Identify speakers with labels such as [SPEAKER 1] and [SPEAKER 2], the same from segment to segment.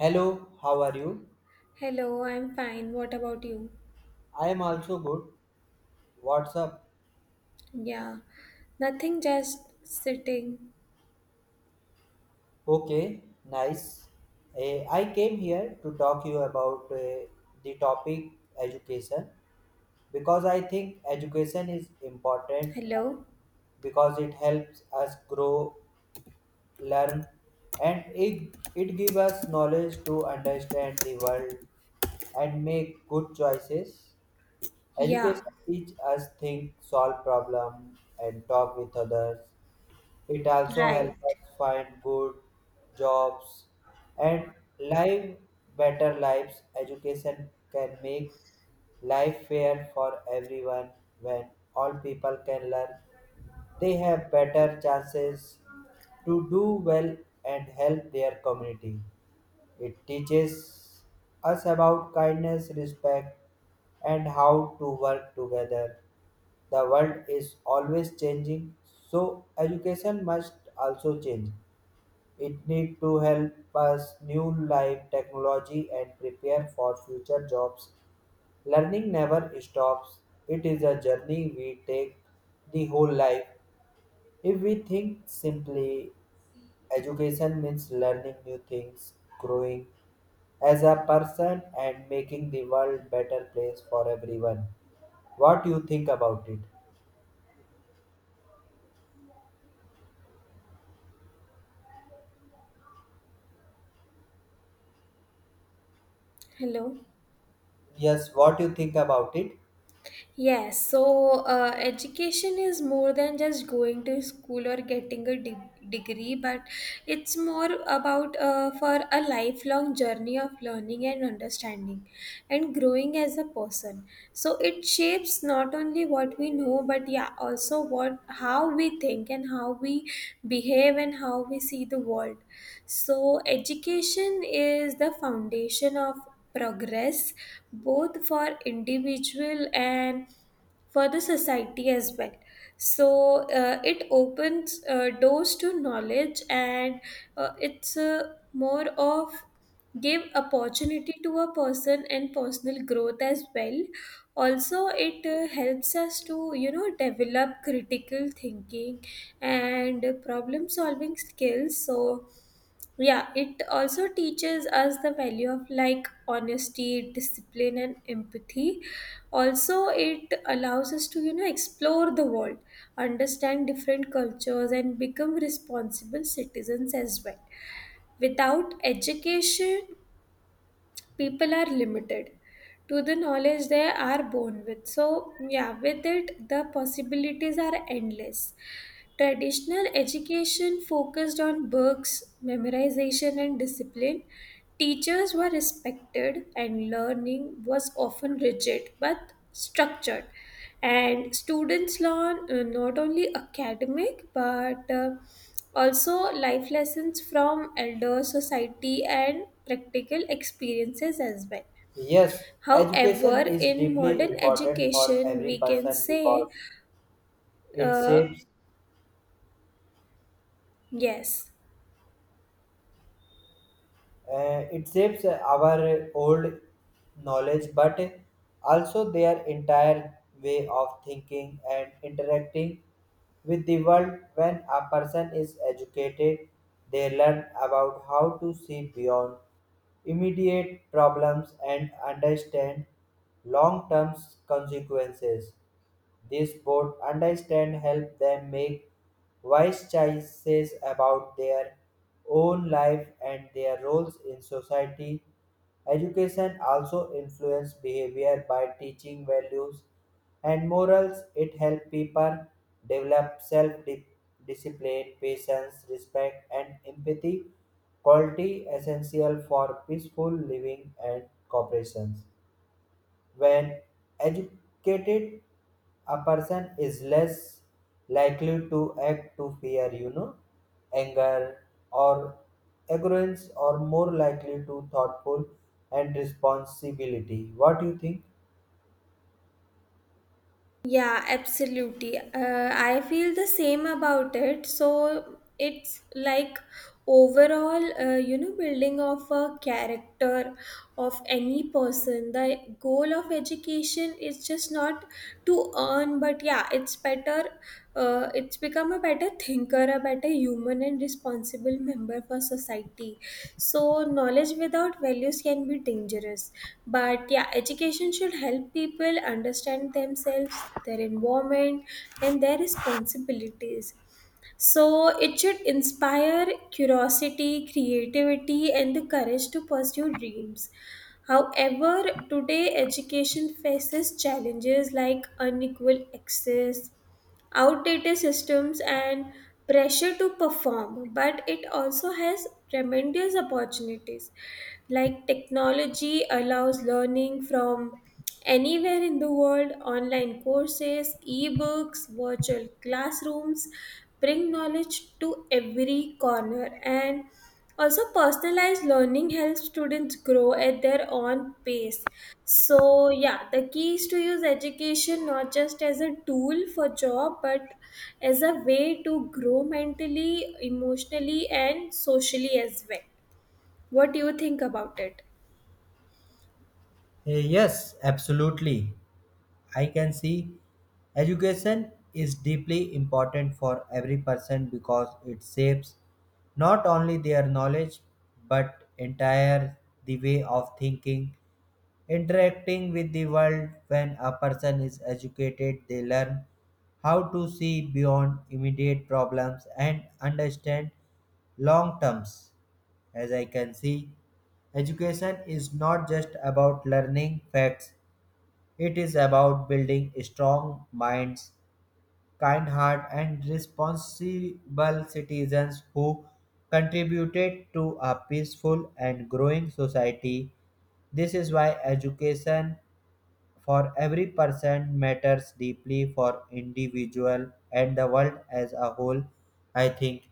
[SPEAKER 1] Hello, how are you?
[SPEAKER 2] Hello, I'm fine. What about you?
[SPEAKER 1] I am also good. What's up?
[SPEAKER 2] Yeah, nothing, just sitting.
[SPEAKER 1] Okay, nice. I came here to talk you about the topic education because I think education is important
[SPEAKER 2] Hello?
[SPEAKER 1] because it helps us grow, learn, and it gives us knowledge to understand the world and make good choices.
[SPEAKER 2] Yeah,
[SPEAKER 1] Education teach us think, solve problem, and talk with others. It also
[SPEAKER 2] right.
[SPEAKER 1] helps us find good jobs and live better lives. Education can make life fair for everyone when all people can learn. They have better chances to do well and help their community. It teaches us about kindness, respect, and how to work together. The world is always changing, so education must also change. It needs to help us new life technology and prepare for future jobs. Learning never stops. It is a journey we take the whole life. If we think simply education means learning new things, growing as a person and making the world better place for everyone. What you think about it?
[SPEAKER 2] Hello?
[SPEAKER 1] Yes, what you think about it?
[SPEAKER 2] Yes, so education is more than just going to school or getting a degree, but it's more about for a lifelong journey of learning and understanding and growing as a person. So it shapes not only what we know, but yeah, also what how we think and how we behave and how we see the world. So education is the foundation of progress both for individual and for the society as well. So, it opens doors to knowledge, and it's more of give opportunity to a person and personal growth as well. Also, it helps us to develop critical thinking and problem solving skills. So yeah, it also teaches us the value of like honesty, discipline, and empathy. Also, it allows us to, explore the world, understand different cultures, and become responsible citizens as well. Without education, people are limited to the knowledge they are born with. So, yeah, with it, the possibilities are endless. Traditional education focused on books, memorization, and discipline. Teachers were respected, and learning was often rigid but structured. And students learn not only academic, but also life lessons from elder society and practical experiences as well.
[SPEAKER 1] Yes, education
[SPEAKER 2] However,
[SPEAKER 1] is
[SPEAKER 2] in
[SPEAKER 1] deeply
[SPEAKER 2] modern
[SPEAKER 1] important for
[SPEAKER 2] education,
[SPEAKER 1] every
[SPEAKER 2] we can
[SPEAKER 1] person
[SPEAKER 2] say,
[SPEAKER 1] because it
[SPEAKER 2] uh,
[SPEAKER 1] shapes.
[SPEAKER 2] yes.
[SPEAKER 1] It shapes our old knowledge, but also their entire way of thinking and interacting with the world. When a person is educated, they learn about how to see beyond immediate problems and understand long term consequences. This board understand help them make wise choices about their own life and their roles in society. Education also influences behavior by teaching values and morals. It helps people develop self-discipline, patience, respect, and empathy, quality essential for peaceful living and cooperations. When educated, a person is less likely to act to fear, you know, anger or arrogance, or more likely to thoughtful and responsibility. What do you think?
[SPEAKER 2] Yeah, absolutely. I feel the same about it. So it's like overall, building of a character of any person. The goal of education is just not to earn, but yeah, it's better. It's become a better thinker, a better human, and responsible member for society. So knowledge without values can be dangerous. But yeah, education should help people understand themselves, their environment, and their responsibilities. So it should inspire curiosity, creativity, and the courage to pursue dreams. However, today education faces challenges like unequal access, outdated systems, and pressure to perform, but it also has tremendous opportunities. Like, technology allows learning from anywhere in the world. Online courses, ebooks, virtual classrooms bring knowledge to every corner, and also personalized learning helps students grow at their own pace. So yeah, the key is to use education not just as a tool for job, but as a way to grow mentally, emotionally, and socially as well. What do you think about it?
[SPEAKER 1] Yes, absolutely. I can see education is deeply important for every person because it shapes not only their knowledge but entire the way of thinking interacting with the world when a person is educated they learn how to see beyond immediate problems and understand long terms as I can see education is not just about learning facts. It is about building strong minds, kind heart, and responsible citizens who contributed to a peaceful and growing society. This is why education for every person matters deeply for individual and the world as a whole, I think.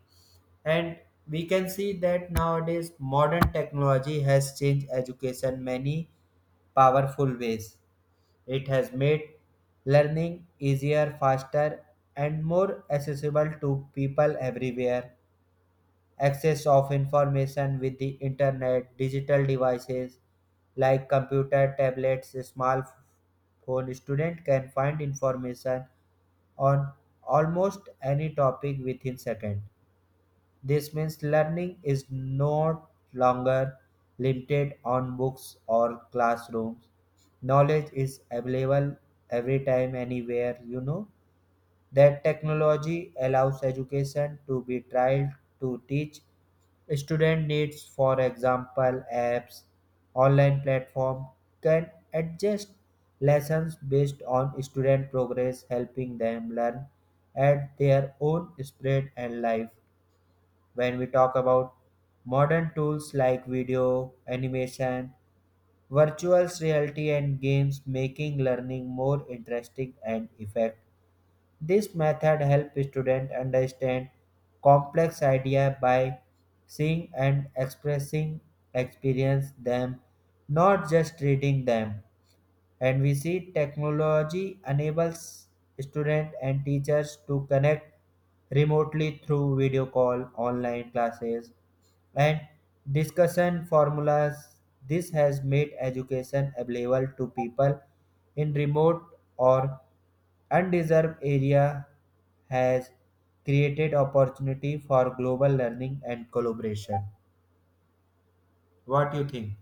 [SPEAKER 1] And we can see that nowadays modern technology has changed education many powerful ways. It has made learning easier, faster, and more accessible to people everywhere. Access of information with the internet, digital devices like computer, tablets, smartphone, student can find information on almost any topic within second. This means learning is no longer limited on books or classrooms. Knowledge is available every time, anywhere, you know. That technology allows education to be tried to teach student needs for example apps online platform can adjust lessons based on student progress helping them learn at their own speed and life when we talk about modern tools like video, animation, virtual reality, and games, making learning more interesting and effective. This method helps students understand complex ideas by seeing and expressing experience them, not just reading them and we see technology enables students and teachers to connect remotely through video call, online classes, and discussion formulas. This has made education available to people in remote or undeserved area has created opportunity for global learning and collaboration. What do you think?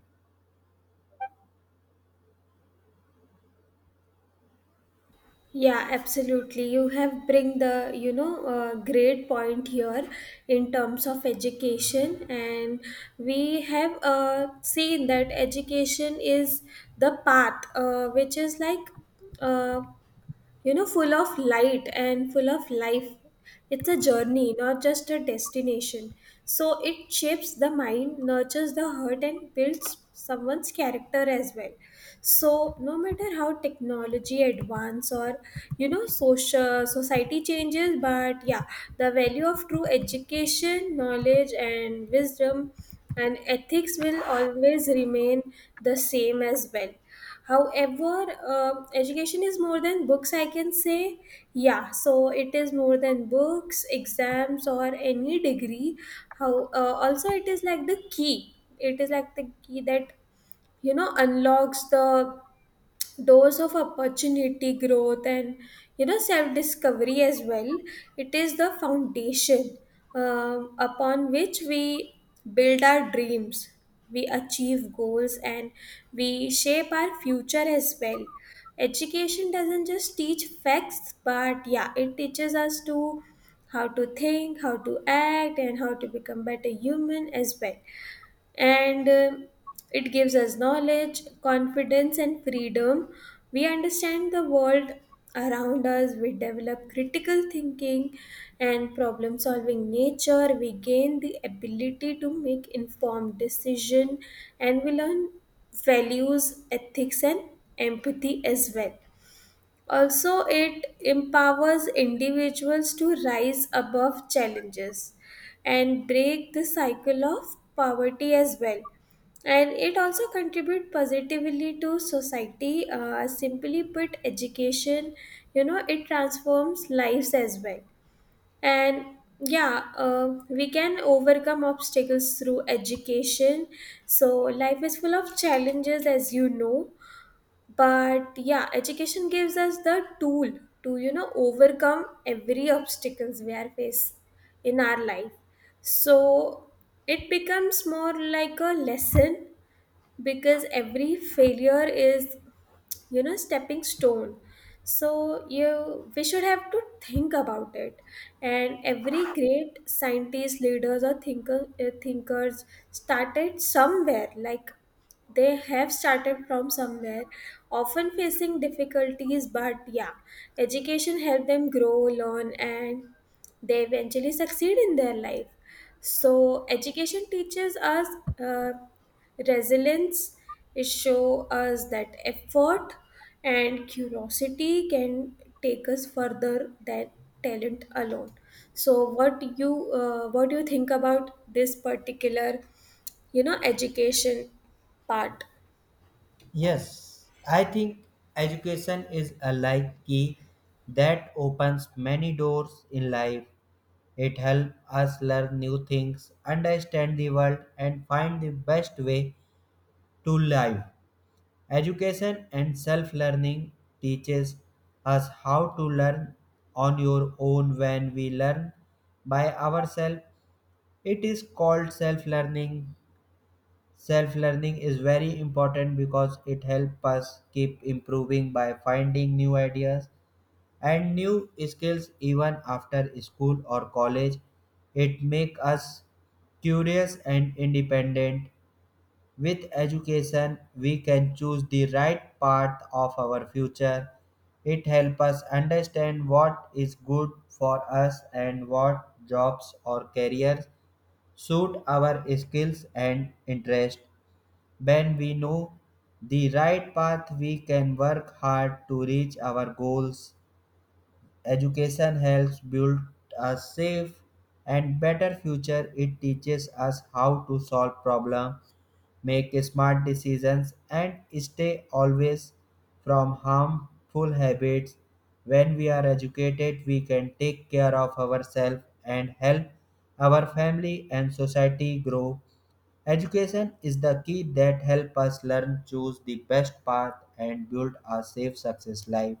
[SPEAKER 2] Yeah, absolutely. You have bring the great point here in terms of education, and we have seen that education is the path, which is like uh, full of light and full of life. It's a journey, not just a destination. So it shapes the mind, nurtures the heart, and builds someone's character as well. So no matter how technology advance, or social society changes, but yeah, the value of true education, knowledge and wisdom and ethics will always remain the same as well. However, education is more than books, I can say. Yeah, so it is more than books, exams, or any degree. How also it is like the key, it is like the key that unlocks the doors of opportunity, growth, and self discovery as well. It is the foundation upon which we build our dreams, we achieve goals, and we shape our future as well. Education doesn't just teach facts, but yeah, it teaches us to how to think, how to act, and how to become better human as well. And it gives us knowledge, confidence, and freedom. We understand the world around us, we develop critical thinking and problem solving nature, we gain the ability to make informed decision, and we learn values, ethics, and empathy as well. Also, it empowers individuals to rise above challenges and break the cycle of poverty as well. And it also contributes positively to society. Simply put, education, it transforms lives as well. And yeah, we can overcome obstacles through education. So life is full of challenges, as you know, but yeah, education gives us the tool to overcome every obstacles we are faced in our life. So it becomes more like a lesson, because every failure is stepping stone. So you we should have to think about it. And every great scientist, leaders, or thinkers started somewhere, like they have started from somewhere, often facing difficulties, but yeah, education helped them grow, learn, and they eventually succeed in their life. So education teaches us uh, resilience. It shows us that effort and curiosity can take us further than talent alone. So what you what do you think about this particular education part?
[SPEAKER 1] Yes, I think education is a like key that opens many doors in life. It helps us learn new things, understand the world, and find the best way to live. Education and self-learning teaches us how to learn on your own when we learn by ourselves. It is called self-learning. Self learning is very important because it helps us keep improving by finding new ideas and new skills even after school or college. It makes us curious and independent. With education, we can choose the right path of our future. It helps us understand what is good for us and what jobs or careers suit our skills and interests. When we know the right path, we can work hard to reach our goals. Education helps build a safe and better future. It teaches us how to solve problems, make smart decisions, and stay always from harmful habits. When we are educated, we can take care of ourselves and help our family and society grow. Education is the key that help us learn, choose the best path, and build a safe, success life.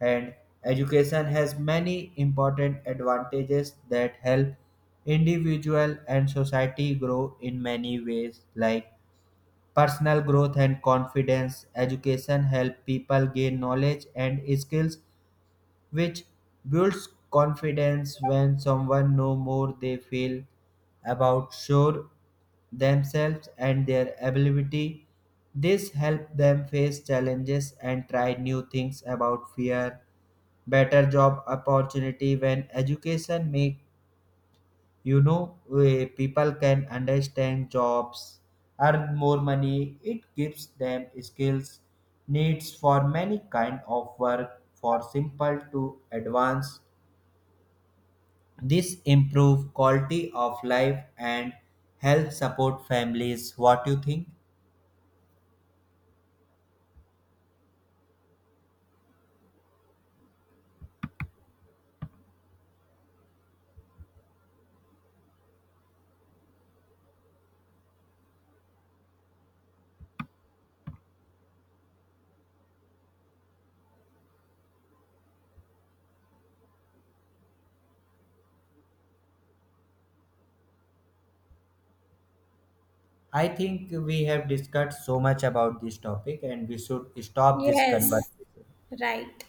[SPEAKER 1] And education has many important advantages that help individual and society grow in many ways, like personal growth and confidence. Education help people gain knowledge and skills which builds confidence when someone know more they feel about sure themselves and their ability this help them face challenges and try new things about fear better job opportunity when education make you know people can understand jobs earn more money it gives them skills needs for many kind of work for simple to advanced this improve quality of life and help support families. What you think? I think we have discussed so much about this topic and we should stop this
[SPEAKER 2] Yes,
[SPEAKER 1] conversation.
[SPEAKER 2] right.